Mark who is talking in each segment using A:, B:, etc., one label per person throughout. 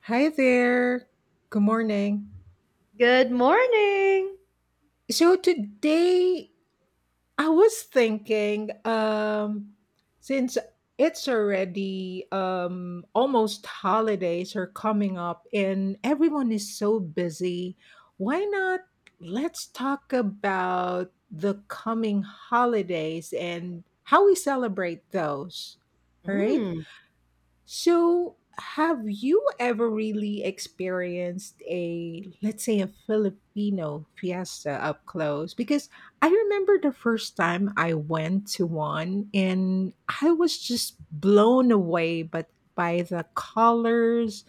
A: Hi there. Good morning.
B: Good morning.
A: So today I was thinking since it's already almost holidays are coming up and everyone is so busy, why not let's talk about the coming holidays and how we celebrate those. All right?
B: Mm.
A: So, have you ever really experienced a, let's say, a Filipino fiesta up close? Because I remember the first time I went to one and I was just blown away but by the colors,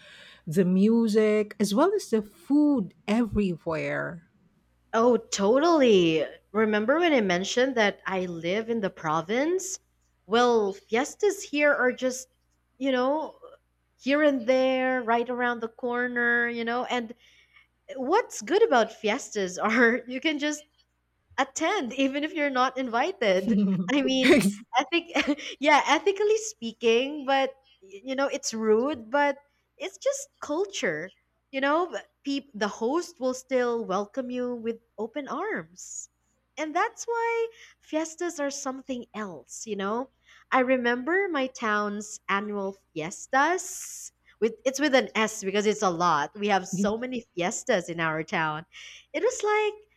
A: the music, as well as the food everywhere.
B: Oh, totally. Remember when I mentioned that I live in the province? Well, fiestas here are just, you know, here and there, right around the corner, And what's good about fiestas are you can just attend even if you're not invited. I mean
A: Ex-
B: ethic Yeah, ethically speaking, but you know it's rude, but it's just culture, you know. But the host will still welcome you with open arms, and that's why fiestas are something else, you know. I remember my town's annual fiestas, with — it's with an s because it's a lot, we have so many fiestas in our town. It was like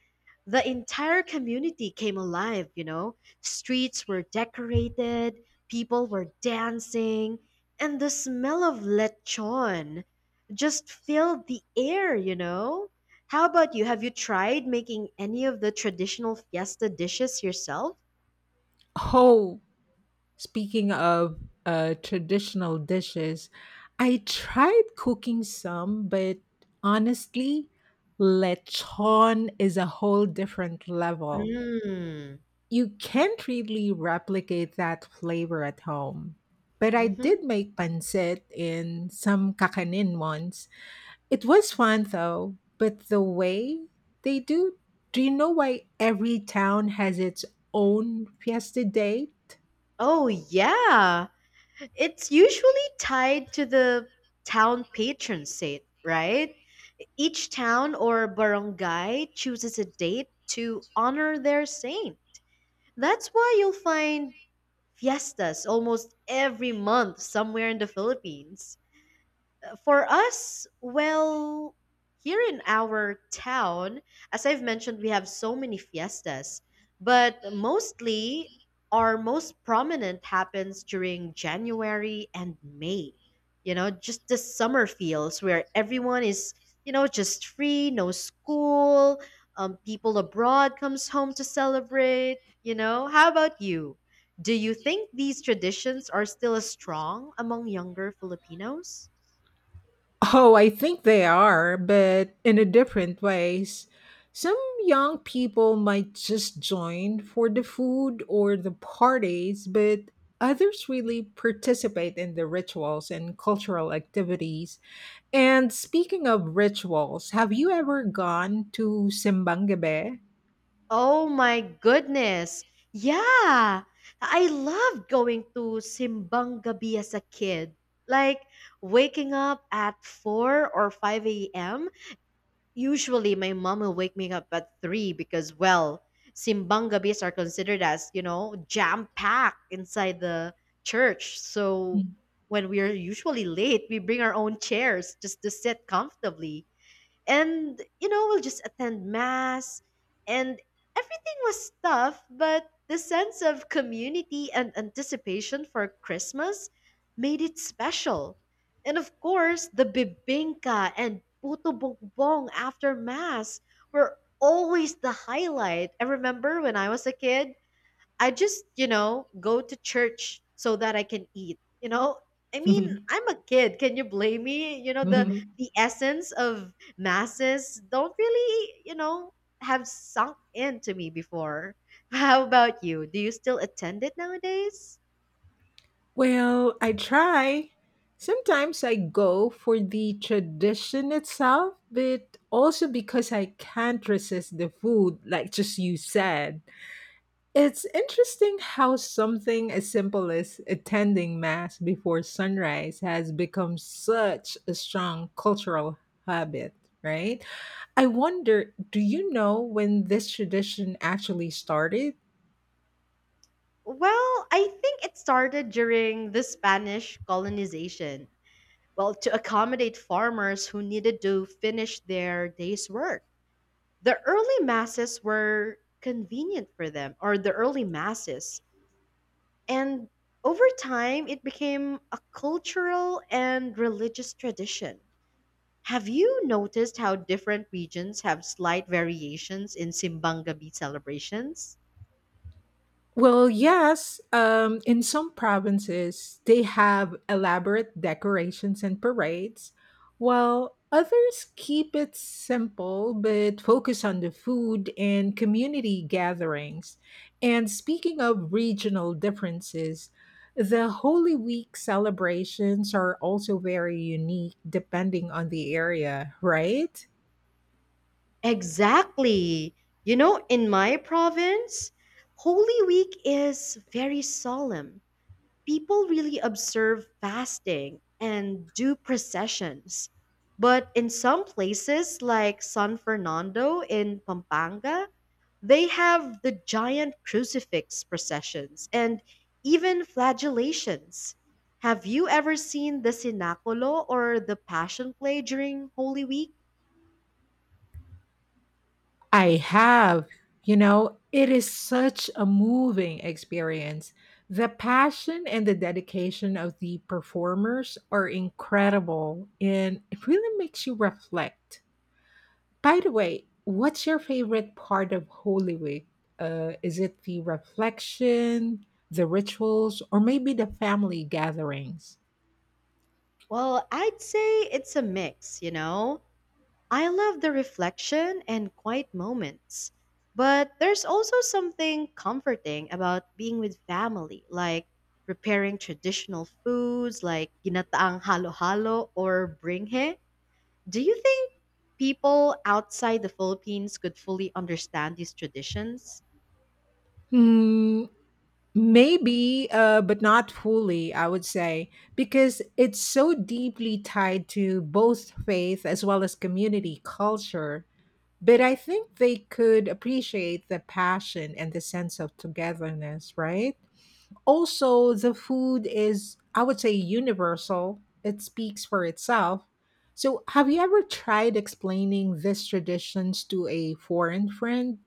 B: the entire community came alive, you know? Streets were decorated, people were dancing, and the smell of lechon just filled the air, you know? How about you? Have you tried making any of the traditional fiesta dishes yourself?
A: Oh, speaking of traditional dishes, I tried cooking some, but honestly, lechon is a whole different level.
B: Mm.
A: You can't really replicate that flavor at home. But I
B: Mm-hmm.
A: did make pancit in some kakanin once. It was fun though, but the way they do, do you know why every town has its own fiesta day?
B: Oh, yeah. It's usually tied to the town patron saint, right? Each town or barangay chooses a date to honor their saint. That's why you'll find fiestas almost every month somewhere in the Philippines. For us, well, here in our town, as I've mentioned, we have so many fiestas, but mostly our most prominent happens during January and May. You know, just the summer feels where everyone is, just free, no school, people abroad comes home to celebrate. You know, how about you? Do you think these traditions are still as strong among younger Filipinos?
A: Oh, I think they are, but in a different ways. Some young people might just join for the food or the parties, but others really participate in the rituals and cultural activities. And speaking of rituals, have you ever gone to Simbang Gabi?
B: Oh my goodness. Yeah. I loved going to Simbang Gabi as a kid. Like waking up at 4 or 5 a.m. Usually my mom will wake me up at 3 because, well, Simbang Gabis are considered as, jam-packed inside the church. So when we are usually late, we bring our own chairs just to sit comfortably, and you know we'll just attend mass. And everything was tough, but the sense of community and anticipation for Christmas made it special. And of course, the bibingka and puto bongbong after mass were always the highlight. I remember when I was a kid, I just, go to church so that I can eat. You know, I mean, I'm a kid. Can you blame me? The the essence of masses don't really, have sunk into me before. How about you? Do you still attend it nowadays?
A: Well, I try. Sometimes I go for the tradition itself, but also because I can't resist the food, like just you said. It's interesting how something as simple as attending Mass before sunrise has become such a strong cultural habit, right? I wonder, do you know when this tradition actually started?
B: Well, I think it started during the Spanish colonization. Well, to accommodate farmers who needed to finish their day's work. The early masses were convenient for them, or the early masses. And over time, it became a cultural and religious tradition. Have you noticed how different regions have slight variations in Simbang Gabi celebrations?
A: Well, yes. In some provinces, they have elaborate decorations and parades, while others keep it simple but focus on the food and community gatherings. And speaking of regional differences, the Holy Week celebrations are also very unique depending on the area, right?
B: Exactly. You know, in my province, Holy Week is very solemn. People really observe fasting and do processions. But in some places, like San Fernando in Pampanga, they have the giant crucifix processions and even flagellations. Have you ever seen the Sinaculo or the Passion Play during Holy Week?
A: I have. You know, it is such a moving experience. The passion and the dedication of the performers are incredible, and it really makes you reflect. By the way, what's your favorite part of Holy Week? Is it the reflection, the rituals, or maybe the family gatherings?
B: Well, I'd say it's a mix, you know? I love the reflection and quiet moments, but there's also something comforting about being with family, like preparing traditional foods like ginataang halo-halo or bringhe. Do you think people outside the Philippines could fully understand these traditions?
A: Hmm, maybe, but not fully, I would say, because it's so deeply tied to both faith as well as community culture. But I think they could appreciate the passion and the sense of togetherness, right? Also, the food is, I would say, universal, it speaks for itself. So, have you ever tried explaining these traditions to a foreign friend?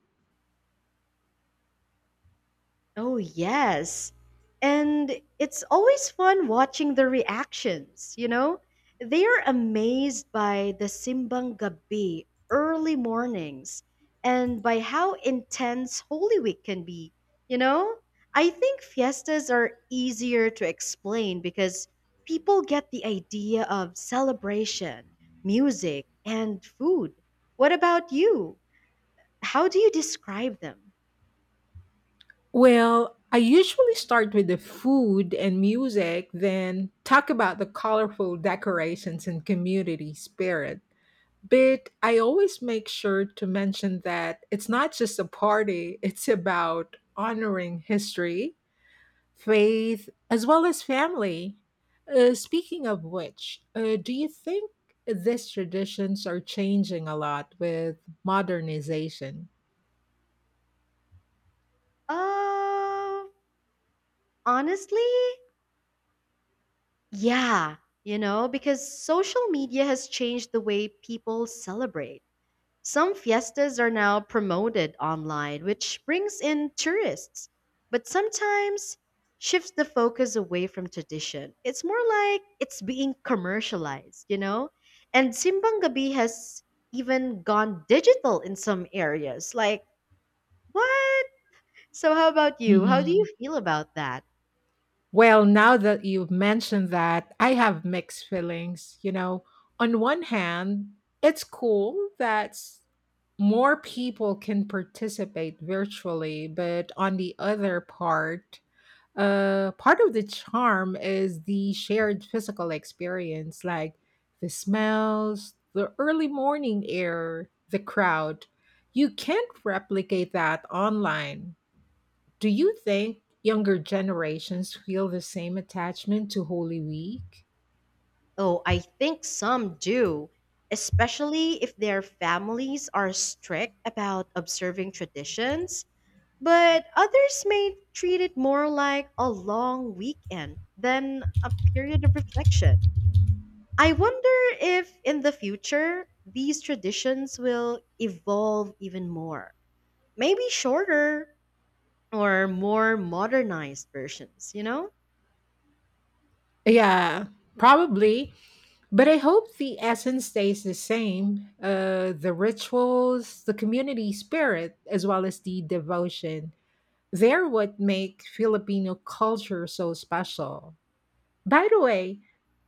B: Oh, yes. And it's always fun watching the reactions, you know? They are amazed by the Simbang Gabi early mornings and by how intense Holy Week can be, you know? I think fiestas are easier to explain because people get the idea of celebration, music, and food. What about you? How do you describe them?
A: Well, I usually start with the food and music, then talk about the colorful decorations and community spirit. But I always make sure to mention that it's not just a party, it's about honoring history, faith as well as family. Speaking of which, do you think these traditions are changing a lot with modernization?
B: Um, Honestly, yeah, you know, because social media has changed the way people celebrate. Some fiestas are now promoted online, which brings in tourists, but sometimes shifts the focus away from tradition. It's more like it's being commercialized, you know? And Simbang Gabi has even gone digital in some areas. Like, what? So, how about you? How do you
A: Mhm.
B: feel about that?
A: Well, now that you've mentioned that, I have mixed feelings. You know, on one hand, it's cool that more people can participate virtually, but on the other part, part of the charm is the shared physical experience, like the smells, the early morning air, the crowd. You can't replicate that online. Do you think younger generations feel the same attachment to Holy Week?
B: Oh, I think some do, especially if their families are strict about observing traditions. But others may treat it more like a long weekend than a period of reflection. I wonder if in the future these traditions will evolve even more. Maybe shorter or more modernized versions, you know?
A: Yeah, probably. But I hope the essence stays the same, the rituals, the community spirit, as well as the devotion. They're what make Filipino culture so special. By the way,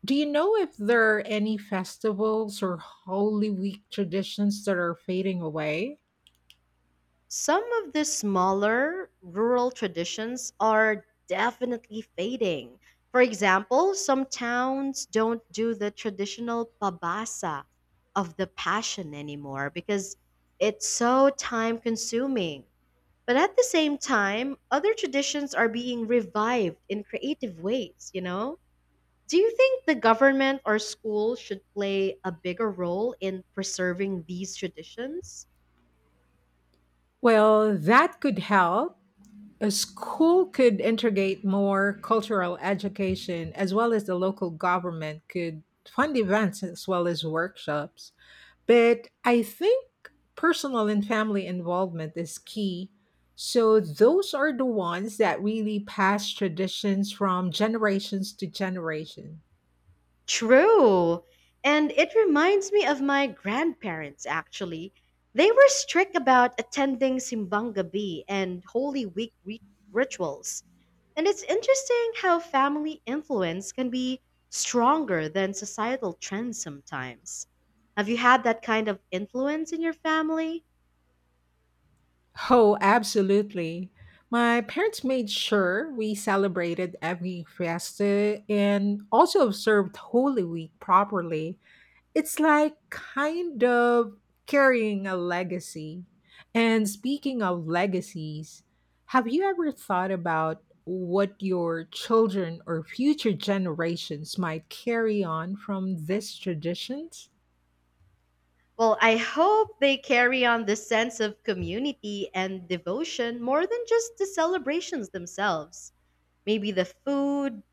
A: do you know if there are any festivals or Holy Week traditions that are fading away?
B: Some of the smaller rural traditions are definitely fading. For example, some towns don't do the traditional pabasa of the passion anymore because it's so time consuming. But at the same time, other traditions are being revived in creative ways, you know? Do you think the government or school should play a bigger role in preserving these traditions?
A: Well, that could help. A school could integrate more cultural education as well as the local government could fund events as well as workshops. But I think personal and family involvement is key. So those are the ones that really pass traditions from generations to generation.
B: True. And it reminds me of my grandparents, actually. They were strict about attending Simbang Gabi and Holy Week rituals. And it's interesting how family influence can be stronger than societal trends sometimes. Have you had that kind of influence in your family?
A: Oh, absolutely. My parents made sure we celebrated every fiesta and also observed Holy Week properly. It's like kind of carrying a legacy. And speaking of legacies, have you ever thought about what your children or future generations might carry on from these traditions?
B: Well, I hope they carry on the sense of community and devotion more than just the celebrations themselves. Maybe the food,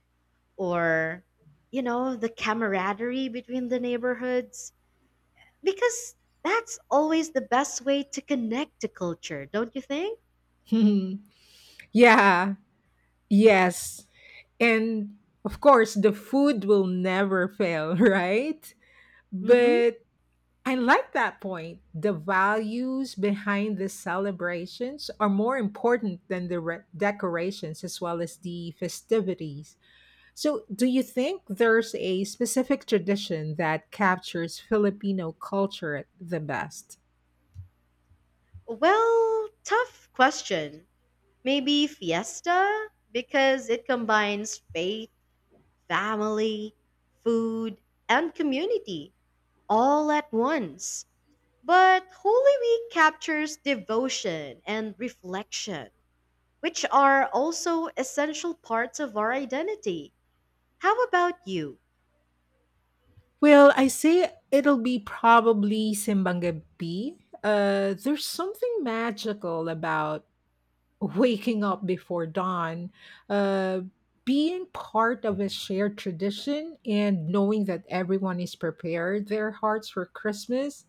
B: or you know, the camaraderie between the neighborhoods, because that's always the best way to connect to culture, don't you think?
A: Yeah, yes. And of course, the food will never fail, right?
B: Mhm.
A: But I like that point. The values behind the celebrations are more important than the decorations as well as the festivities. So, do you think there's a specific tradition that captures Filipino culture the best?
B: Well, tough question. Maybe fiesta, because it combines faith, family, food, and community all at once. But Holy Week captures devotion and reflection, which are also essential parts of our identity. How about you?
A: Well, I say it'll be probably Simbang Gabi. There's something magical about waking up before dawn, uh, being part of a shared tradition, and knowing that everyone is prepared their hearts for Christmas.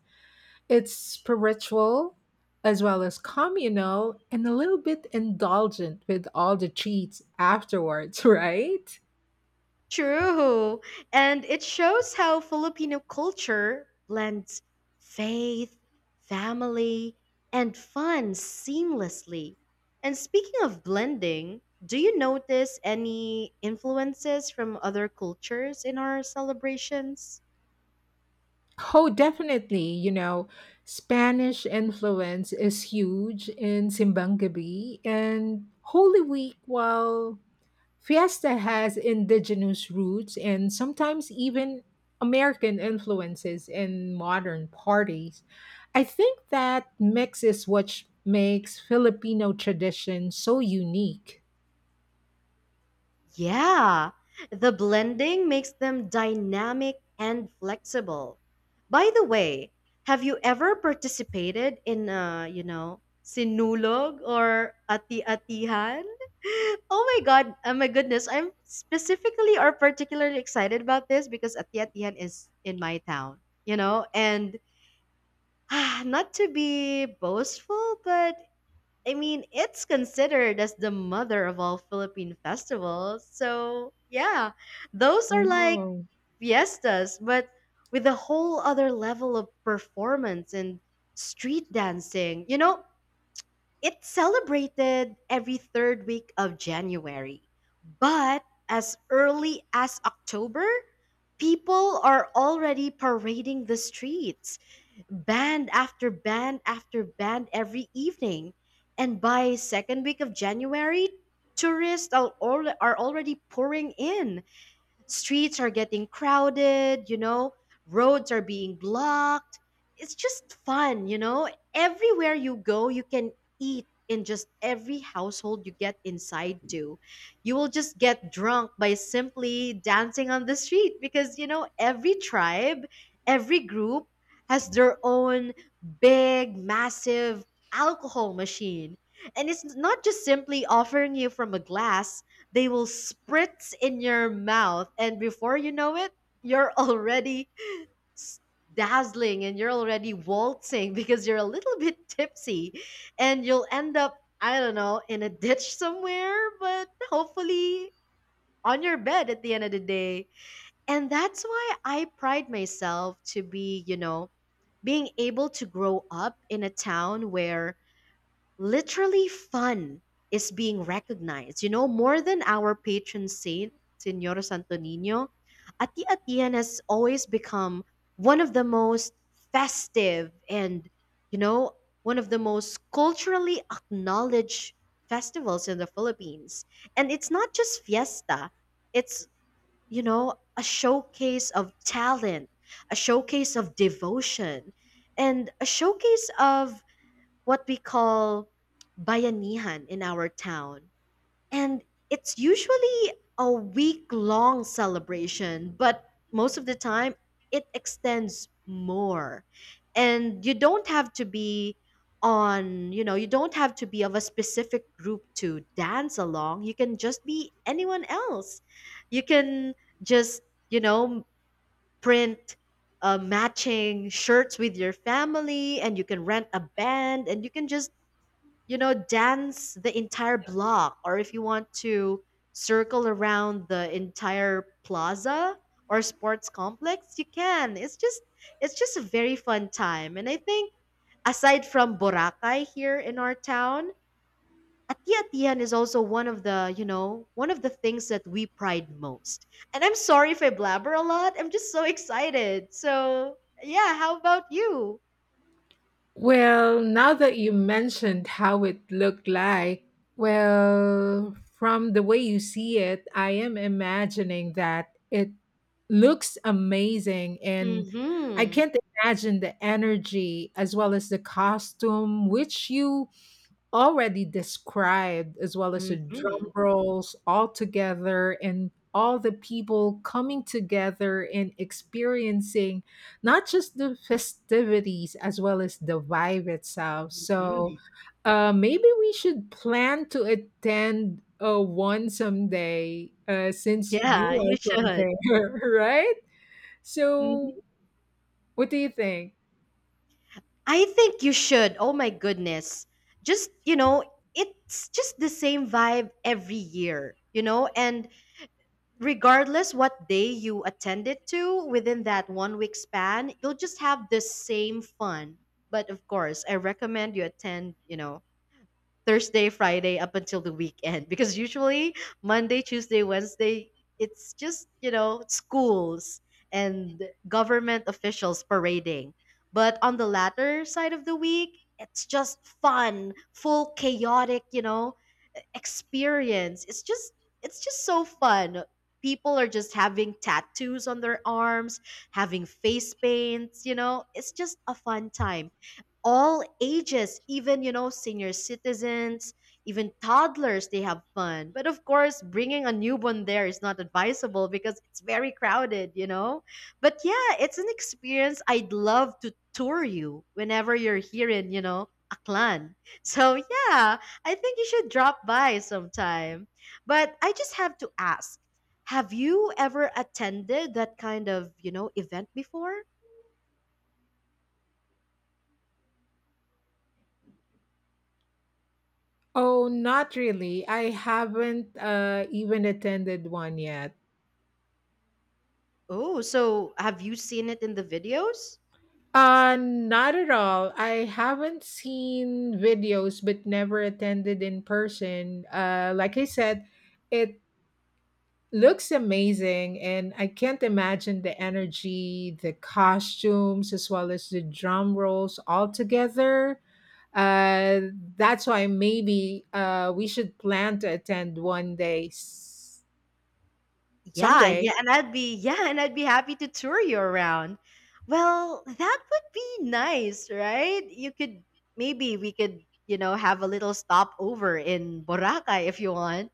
A: It's spiritual as well as communal and a little bit indulgent with all the treats afterwards, right?
B: True. And it shows how Filipino culture blends faith, family, and fun seamlessly. And speaking of blending, do you notice any influences from other cultures in our celebrations?
A: Oh, definitely. You know, Spanish influence is huge in Simbangabi and Holy Week. While Fiesta has indigenous roots and sometimes even American influences in modern parties. I think that mix is what makes Filipino tradition so unique.
B: Yeah, the blending makes them dynamic and flexible. By the way, have you ever participated in you know, sinulog or ati-atihan? Oh my god, oh my goodness, I'm specifically or particularly excited about this because ati-atihan is in my town, you know. And ah, not to be boastful, but I mean, it's considered as the mother of all Philippine festivals. So, yeah, those are like
A: Oh.
B: fiestas, but with a whole other level of performance and street dancing. You know, it's celebrated every third week of January. But as early as October, people are already parading the streets, band after band after band every evening. And by second week of January, tourists are, are already pouring in. Streets are getting crowded, you know, roads are being blocked. It's just fun, you know. Everywhere you go, you can eat in just every household you get inside to. You will just get drunk by simply dancing on the street because, you know, every tribe, every group has their own big, massive alcohol machine. And it's not just simply offering you from a glass, they will spritz in your mouth, and before you know it, you're already s- dazzling and you're already waltzing because you're a little bit tipsy, and you'll end up, I don't know, in a ditch somewhere, but hopefully on your bed at the end of the day. And that's why I pride myself to be, you know, being able to grow up in a town where literally, fun is being recognized. You know, more than our patron saint, Senor Santo Nino, Ati-Atian has always become one of the most festive and, you know, one of the most culturally acknowledged festivals in the Philippines. And it's not just fiesta, it's, you know, a showcase of talent, a showcase of devotion, and a showcase of what we call bayanihan in our town. And it's usually a week long celebration, but most of the time it extends more. And you don't have to be on, you know, you don't have to be of a specific group to dance along. You can just be anyone else. You can just, you know, print matching shirts with your family, and you can rent a band, and you can just, you know, dance the entire block, or if you want to, circle around the entire plaza or sports complex, you can. It's just, it's just a very fun time. And I think, aside from Boracay here in our town, Atiatian is also one of the, you know, one of the things that we pride most. And I'm sorry if I blabber a lot. I'm just so excited. So, yeah, how about you?
A: Well, now that you mentioned how it looked like, well, from the way you see it, I am imagining that it looks amazing and I
B: Mhm.
A: can't imagine the energy as well as the costume which you already described, as well as the drum
B: Mhm.
A: rolls all together and all the people coming together and experiencing not just the festivities as well as the vibe itself. So,
B: Mhm.
A: maybe we should plan to attend one someday, since you
B: Yeah,
A: are
B: you
A: from
B: should.
A: there, right?
B: Mhm.
A: So what do you think?
B: I think you should. Oh my goodness. Just, you know, it's just the same vibe every year, you know. And regardless what day you attend it to within that one week span, you'll just have the same fun. But of course, I recommend you attend, you know, Thursday, Friday up until the weekend because usually Monday, Tuesday, Wednesday, it's just, you know, schools and government officials parading. But on the latter side of the week, it's just fun, full chaotic, you know, experience. It's just, it's just so fun. People are just having tattoos on their arms, having face paints, you know. It's just a fun time, all ages, even, you know, senior citizens, even toddlers, they have fun. But of course, bringing a newborn there is not advisable because it's very crowded, you know? But yeah, it's an experience I'd love to tour you whenever you're here in, Aklan. So yeah, I think you should drop by sometime. But I just have to ask, have you ever attended that kind of, event before?
A: Oh, not really. I haven't even attended one yet.
B: Oh, so have you seen it in the videos?
A: Not at all. I haven't seen videos but never attended in person. Like I said, it looks amazing, and I can't imagine the energy, the costumes, as well as the drum rolls all together. Uh, that's why maybe we should plan to attend one day,
B: Yeah, yeah,
A: someday.
B: and I'd be yeah, and I'd be happy to tour you around. Well, that would be nice, right? You could maybe we could, have a little stopover in Boracay if you want.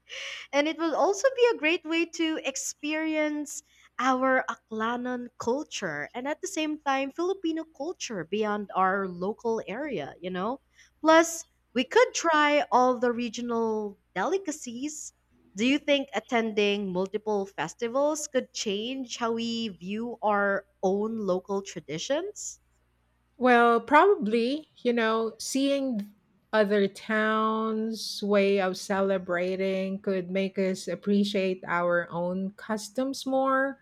B: And it will also be a great way to experience our Aklanon culture and at the same time Filipino culture beyond our local area, you know? Plus, we could try all the regional delicacies. Do you think attending multiple festivals could change how we view our own local traditions?
A: Well, probably, you know, seeing other towns' way of celebrating could make us appreciate our own customs more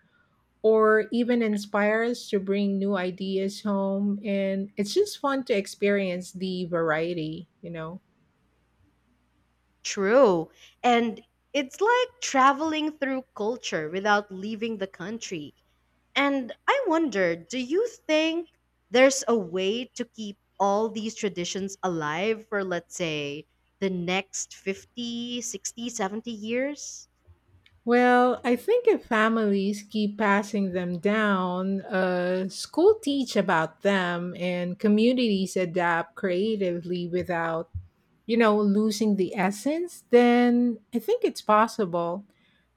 A: or even inspire us to bring new ideas home. And it's just fun to experience the variety, you know.
B: True. And it's like traveling through culture without leaving the country. And I wonder, do you think there's a way to keep all these traditions alive for, let's say, the next 50, 60, 70 60, 70 years?
A: Well, I think if families keep passing them down, school teach about them, and communities adapt creatively without, you know, losing the essence, then I think it's possible.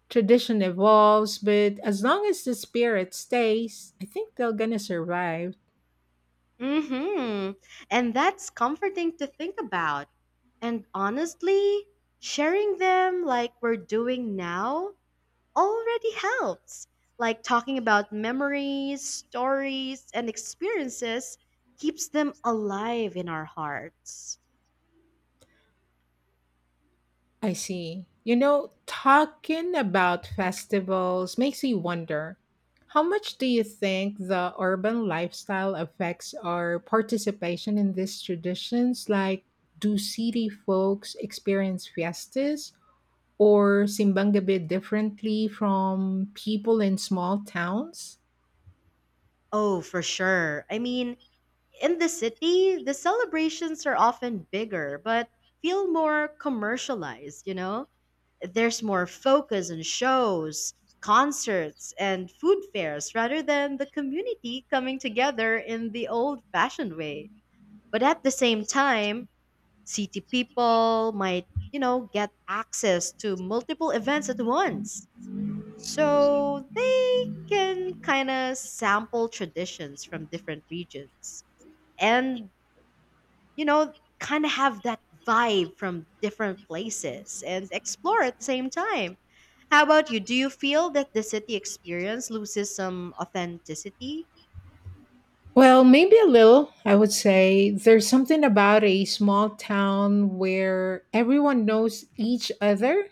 A: Tradition evolves, but as long as the spirit stays, I think they're gonna survive.
B: hmm And that's comforting to think about. And honestly, sharing them like we're doing now already helps. Like talking about memories, stories, and experiences keeps them alive in our hearts.
A: I see. You know, talking about festivals makes me wonder, how much do you think the urban lifestyle affects our participation in these traditions? Like, do city folks experience fiestas or Simbangabe differently from people in small towns?
B: Oh, for sure. I mean, in the city, the celebrations are often bigger, but feel more commercialized, you know? There's more focus on shows, concerts, and food fairs rather than the community coming together in the old fashioned way. But at the same time, city people might, get access to multiple events at once, so they can kind of sample traditions from different regions and, kind of have that vibe from different places and explore at the same time. How about you? Do you feel that the city experience loses some authenticity?
A: Well, maybe a little, I would say. There's something about a small town where everyone knows each other,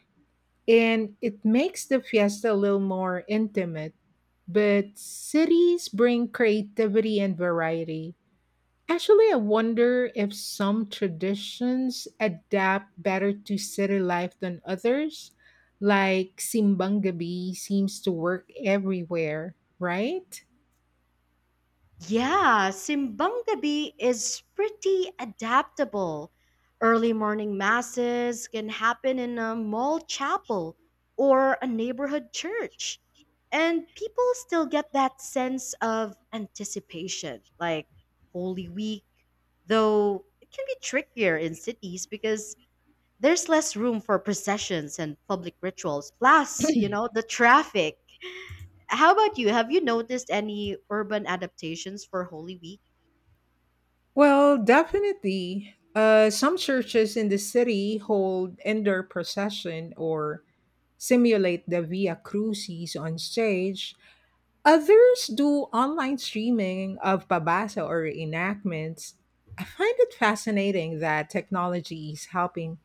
A: and it makes the fiesta a little more intimate. But cities bring creativity and variety. Actually, I wonder if some traditions adapt better to city life than others. Like Simbang Gabi seems to work everywhere, right?
B: Yeah, Simbang Gabi is pretty adaptable. Early morning masses can happen in a mall chapel or a neighborhood church. And people still get that sense of anticipation, like Holy Week, though it can be trickier in cities because there's less room for processions and public rituals. Plus, the traffic. How about you? Have you noticed any urban adaptations for Holy Week?
A: Well, definitely. Some churches in the city hold indoor procession or simulate the Via Crucis on stage. Others do online streaming of babasa or enactments. I find it fascinating that technology is helping,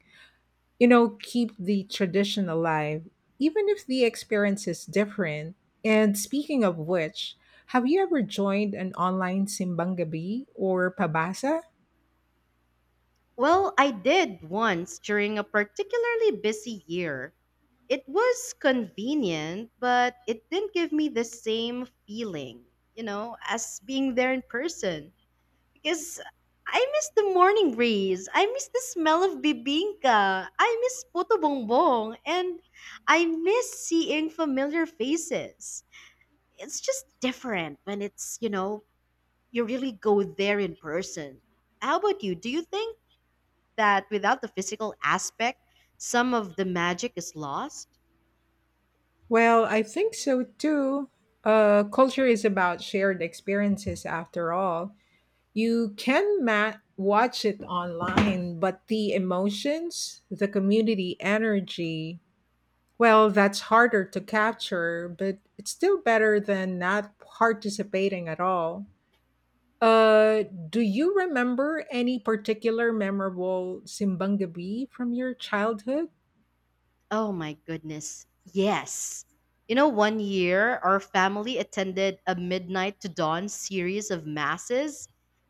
A: you know, keep the tradition alive, even if the experience is different. And speaking of which, have you ever joined an online simbang gabi or pabasa?
B: Well, I did once during a particularly busy year. It was convenient, but it didn't give me the same feeling, as being there in person. Because I miss the morning breeze. I miss the smell of bibingka. I miss puto bongbong. And I miss seeing familiar faces. It's just different when it's, you really go there in person. How about you? Do you think that without the physical aspect, some of the magic is lost?
A: Well, I think so too. Culture is about shared experiences after all. You can watch it online, but the emotions, the community energy, well, that's harder to capture, but it's still better than not participating at all. Uh, do you remember any particular memorable Simbangabi from your childhood?
B: Oh my goodness. Yes. One year our family attended a midnight to dawn series of masses,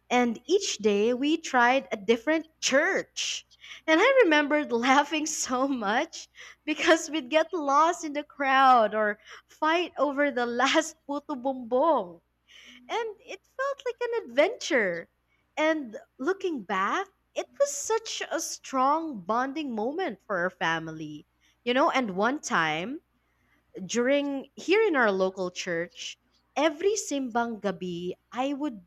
B: and each day we tried a different church. And I remembered laughing so much because we'd get lost in the crowd or fight over the last puto bumbong. And it felt like an adventure. And looking back, it was such a strong bonding moment for our family. And one time during here in our local church, every Simbang Gabi, I would,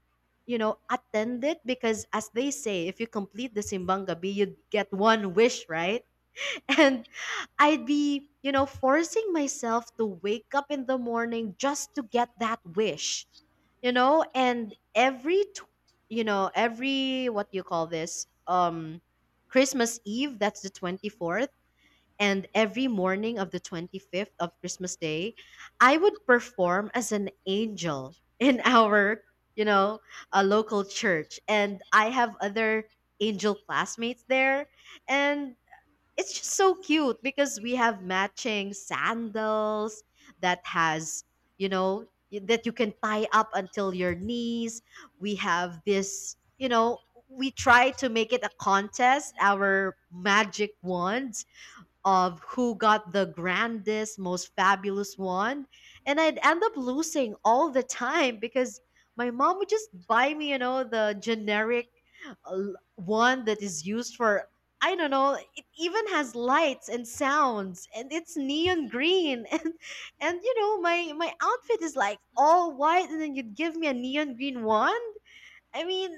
B: attend it because, as they say, if you complete the Simbang Gabi, you'd get one wish, right? And I'd be, forcing myself to wake up in the morning just to get that wish, you know? And every, tw- you know, every, what do you call this? Christmas Eve, that's the 24th. And every morning of the 25th of Christmas Day, I would perform as an angel in you know, a local church. And I have other angel classmates there. And it's just so cute because we have matching sandals that has that you can tie up until your knees. We have this, we try to make it a contest, our magic wands, of who got the grandest, most fabulous wand. And I'd end up losing all the time because my mom would just buy me the generic one that is used for, I don't know. It even has lights and sounds, and it's neon green, and my outfit is like all white, and then you'd give me a neon green one. I mean,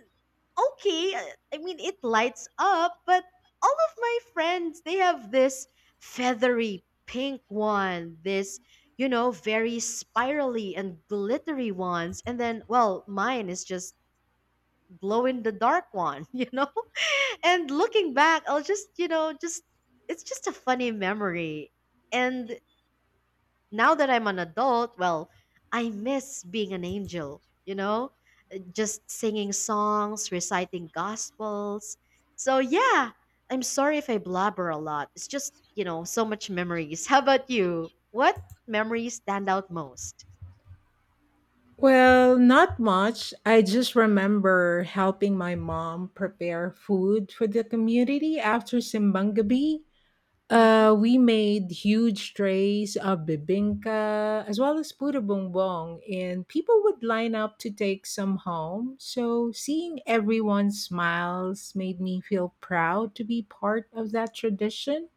B: okay, I mean, it lights up, but all of my friends, they have this feathery pink one, this very spirally and glittery ones, and then, well, mine is just glow in the dark one, you know. And looking back, I'll just, you know, just it's just a funny memory. And now that I'm an adult, well, I miss being an angel, just singing songs, reciting gospels. So, yeah, I'm sorry if I blabber a lot. It's just, so much memories. How about you? What memories stand out most?
A: Well, not much. I just remember helping my mom prepare food for the community after Simbang Gabi.
B: Hmm.
A: We made huge trays of bibingka as well as puto bongbong, and people would line up to take some home. So seeing everyone's smiles made me feel proud to be part of that tradition.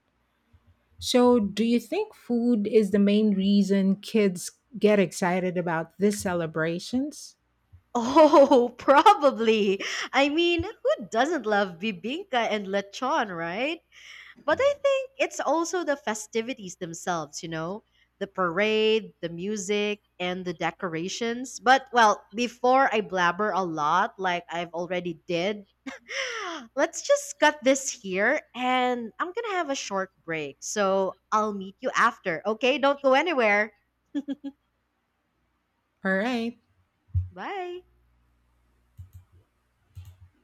A: So, do you think food is the main reason kids get excited about these celebrations?
B: Oh, probably. I mean, who doesn't love bibingka and lechon, right? But I think it's also the festivities themselves, the parade, the music, and the decorations. But well, before I blabber a lot, like I've already did, let's just cut this here and I'm going to have a short break. So I'll meet you after. Okay, don't go anywhere.
A: All right.
B: Bye.